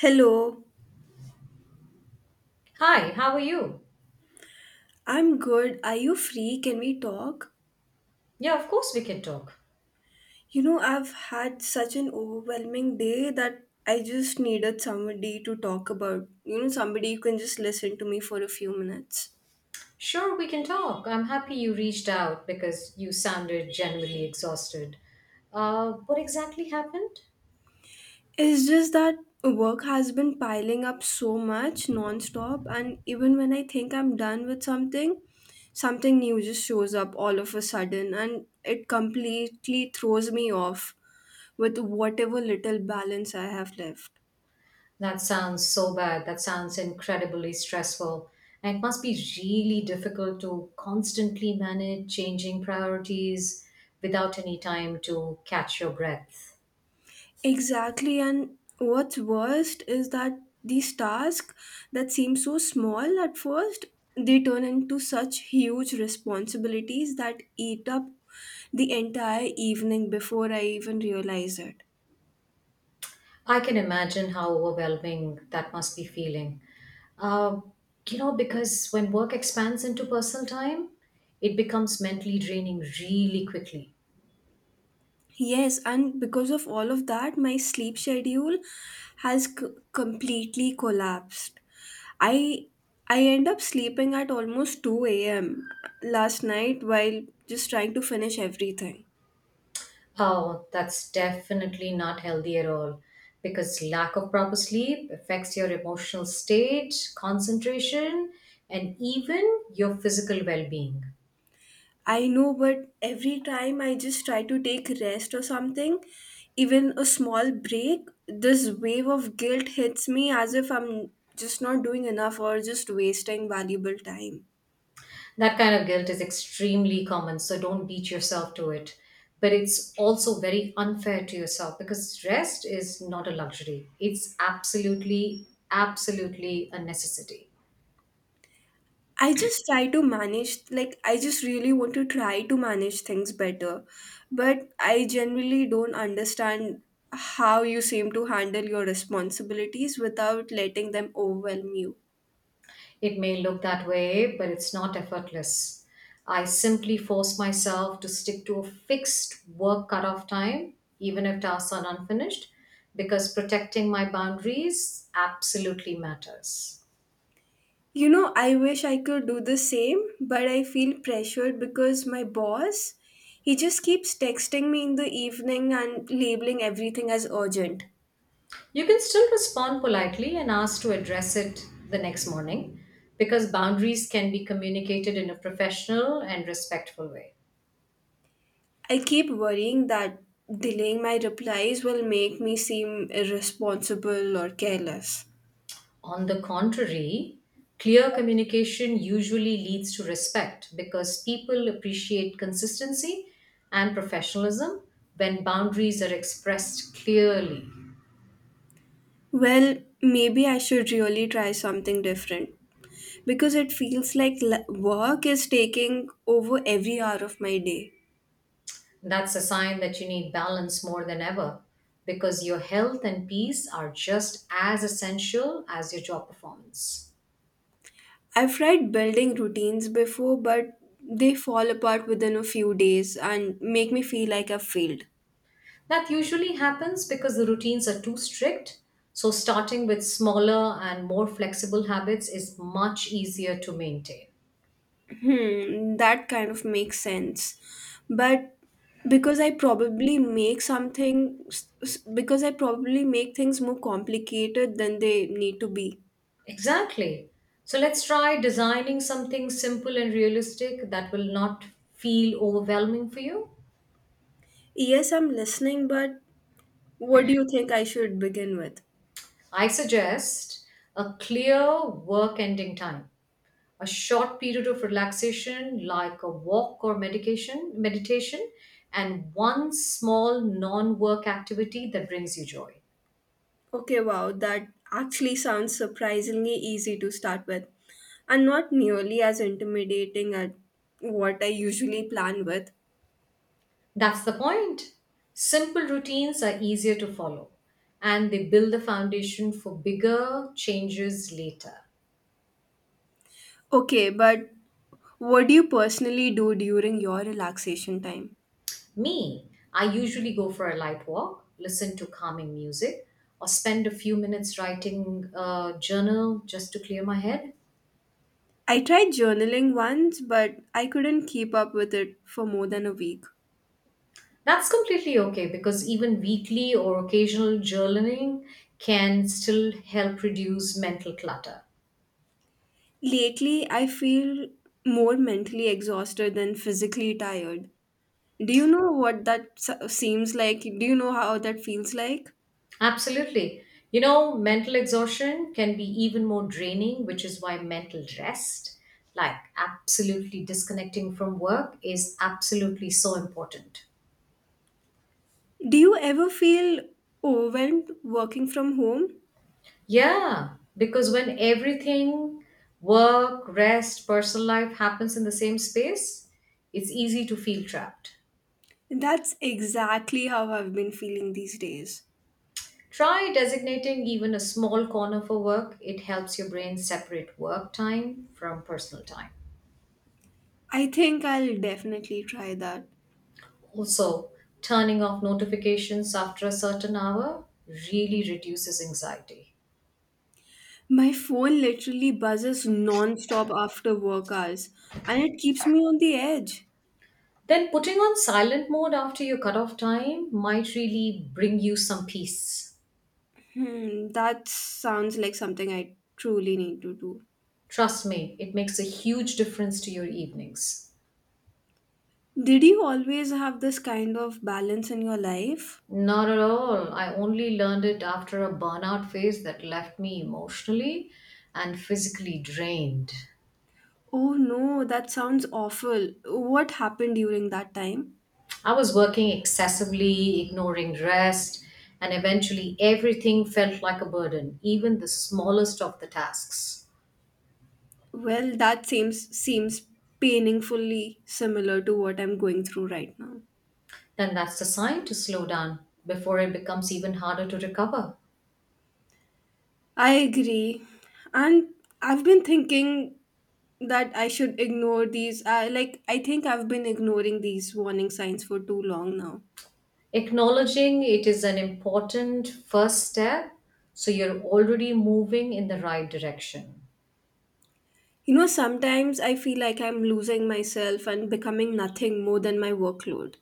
Hello, Hi, how are you? I'm good. Are you free? Can we talk? Yeah, of course we can talk. You know, I've had such an overwhelming day that I just needed somebody to talk about. You know, somebody who can just listen to me for a few minutes. Sure, we can talk. I'm happy you reached out because you sounded genuinely exhausted. What exactly happened? It's just that work has been piling up so much nonstop, and even when I think I'm done with something, something new just shows up all of a sudden and it completely throws me off with whatever little balance I have left. That sounds so bad. That sounds incredibly stressful. And it must be really difficult to constantly manage changing priorities without any time to catch your breath. Exactly, and what's worst is that these tasks that seem so small at first, they turn into such huge responsibilities that eat up the entire evening before I even realize it. I can imagine how overwhelming that must be feeling. Uh, because when work expands into personal time, it becomes mentally draining really quickly. Yes, and because of all of that, my sleep schedule has completely collapsed. I I end up sleeping at almost 2 a.m. last night while just trying to finish everything. Oh, that's definitely not healthy at all because lack of proper sleep affects your emotional state, concentration, and even your physical well being. I know, but every time I just try to take rest or something, even a small break, this wave of guilt hits me as if I'm just not doing enough or just wasting valuable time. That kind of guilt is extremely common, so don't beat yourself to it, but it's also very unfair to yourself because rest is not a luxury, it's absolutely a necessity. I just try to manage, like, I just really want to try to manage things better, but I generally don't understand how you seem to handle your responsibilities without letting them overwhelm you. It may look that way, but it's not effortless. I simply force myself to stick to a fixed work cutoff time even if tasks are unfinished, because protecting my boundaries absolutely matters. You know, I wish I could do the same, but I feel pressured because my boss, he just keeps texting me in the evening and labeling everything as urgent. You can still respond politely and ask to address it the next morning because boundaries can be communicated in a professional and respectful way. I keep worrying that delaying my replies will make me seem irresponsible or careless. On the contrary, clear communication usually leads to respect because people appreciate consistency and professionalism when boundaries are expressed clearly. Well, maybe I should really try something different because it feels like work is taking over every hour of my day. That's a sign that you need balance more than ever because your health and peace are just as essential as your job performance. I've tried building routines before, but they fall apart within a few days and make me feel like I've failed. That usually happens because the routines are too strict. So, starting with smaller and more flexible habits is much easier to maintain. Hmm, that kind of makes sense. But because I probably make things more complicated than they need to be. Exactly. So, let's try designing something simple and realistic that will not feel overwhelming for you. Yes, I'm listening, but what do you think I should begin with? I suggest a clear work ending time, a short period of relaxation like a walk or medication, meditation, and one small non work activity that brings you joy. Okay, wow, that actually sounds surprisingly easy to start with, and not nearly as intimidating as what I usually plan with. That's the point. Simple routines are easier to follow and they build the foundation for bigger changes later. Okay, but what do you personally do during your relaxation time? Me, I usually go for a light walk, listen to calming music, or spend a few minutes writing a journal just to clear my head. I tried journaling once, but I couldn't keep up with it for more than a week. That's completely okay because even weekly or occasional journaling can still help reduce mental clutter. Lately, I feel more mentally exhausted than physically tired. Do you know what that seems like? Do you know how that feels like? Absolutely. You know, mental exhaustion can be even more draining, which is why mental rest, like absolutely disconnecting from work, is absolutely so important. Do you ever feel overwhelmed working from home? Yeah, because when everything, work, rest, personal life happens in the same space, it's easy to feel trapped. That's exactly how I've been feeling these days. Try designating even a small corner for work. It helps your brain separate work time from personal time. I think I'll definitely try that. Also, turning off notifications after a certain hour really reduces anxiety. My phone literally buzzes non-stop after work hours and it keeps me on the edge. Then, putting on silent mode after your cutoff time might really bring you some peace. Hmm, that sounds like something I truly need to do. Trust me, it makes a huge difference to your evenings. Did you always have this kind of balance in your life? Not at all. I only learned it after a burnout phase that left me emotionally and physically drained. Oh no, that sounds awful. What happened during that time? I was working excessively, ignoring rest, and eventually everything felt like a burden, even the smallest of the tasks. Well, that seems painfully similar to what I'm going through right now. Then that's the sign to slow down before it becomes even harder to recover. I agree. And I've been thinking that I should ignore these. Like, I think I've been ignoring these warning signs for too long now. Acknowledging it is an important first step, so you're already moving in the right direction. You know, sometimes I feel like I'm losing myself and becoming nothing more than my workload.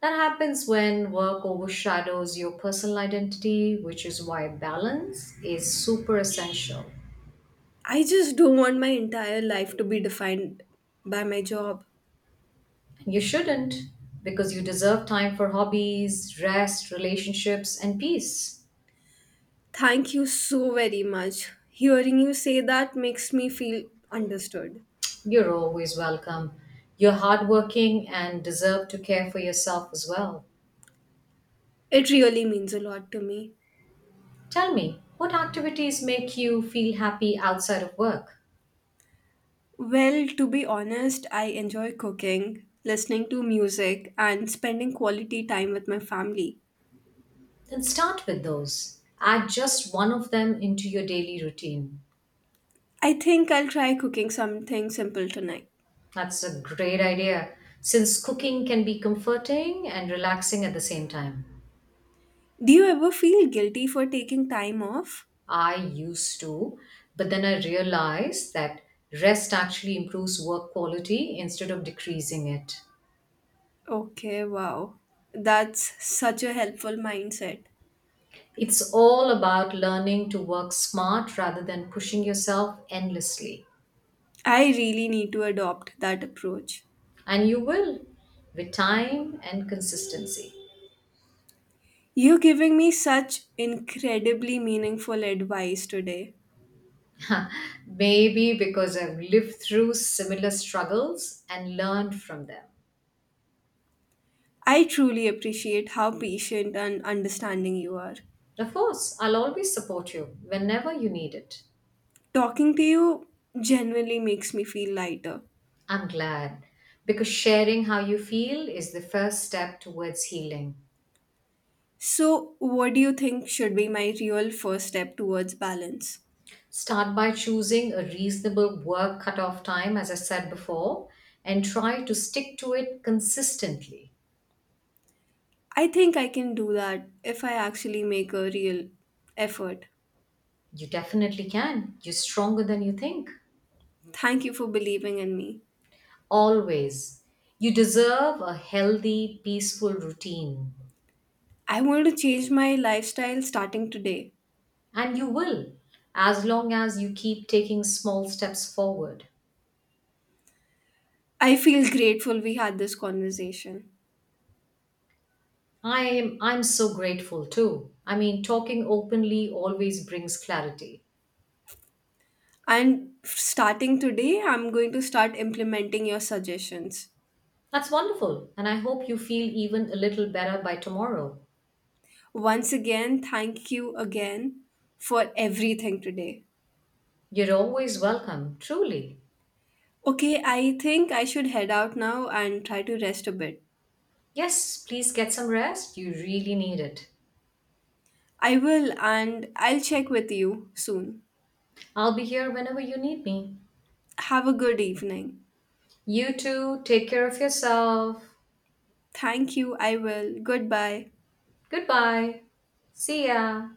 That happens when work overshadows your personal identity, which is why balance is super essential. I just don't want my entire life to be defined by my job. You shouldn't, because you deserve time for hobbies, rest, relationships, and peace. Thank you so very much. Hearing you say that makes me feel understood. You're always welcome. You're hardworking and deserve to care for yourself as well. It really means a lot to me. Tell me, what activities make you feel happy outside of work? Well, to be honest, I enjoy cooking, listening to music, and spending quality time with my family. Then start with those. Add just one of them into your daily routine. I think I'll try cooking something simple tonight. That's a great idea, since cooking can be comforting and relaxing at the same time. Do you ever feel guilty for taking time off? I used to, but then I realized that rest actually improves work quality instead of decreasing it. Okay, wow. That's such a helpful mindset. It's all about learning to work smart rather than pushing yourself endlessly. I really need to adopt that approach. And you will with time and consistency. You're giving me such incredibly meaningful advice today. Maybe because I've lived through similar struggles and learned from them. I truly appreciate how patient and understanding you are. Of course, I'll always support you whenever you need it. Talking to you genuinely makes me feel lighter. I'm glad because sharing how you feel is the first step towards healing. So, what do you think should be my real first step towards balance? Start by choosing a reasonable work cutoff time, as I said before, and try to stick to it consistently. I think I can do that if I actually make a real effort. You definitely can. You're stronger than you think. Thank you for believing in me. Always. You deserve a healthy, peaceful routine. I want to change my lifestyle starting today. And you will, as long as you keep taking small steps forward. I feel grateful we had this conversation. I'm so grateful too. I mean, talking openly always brings clarity. And starting today, I'm going to start implementing your suggestions. That's wonderful, and I hope you feel even a little better by tomorrow. Once again, thank you again for everything today. You're always welcome, truly. Okay, I think I should head out now and try to rest a bit. Yes, please get some rest. You really need it. I will, and I'll check with you soon. I'll be here whenever you need me. Have a good evening. You too, take care of yourself. Thank you, I will. Goodbye. Goodbye. See ya.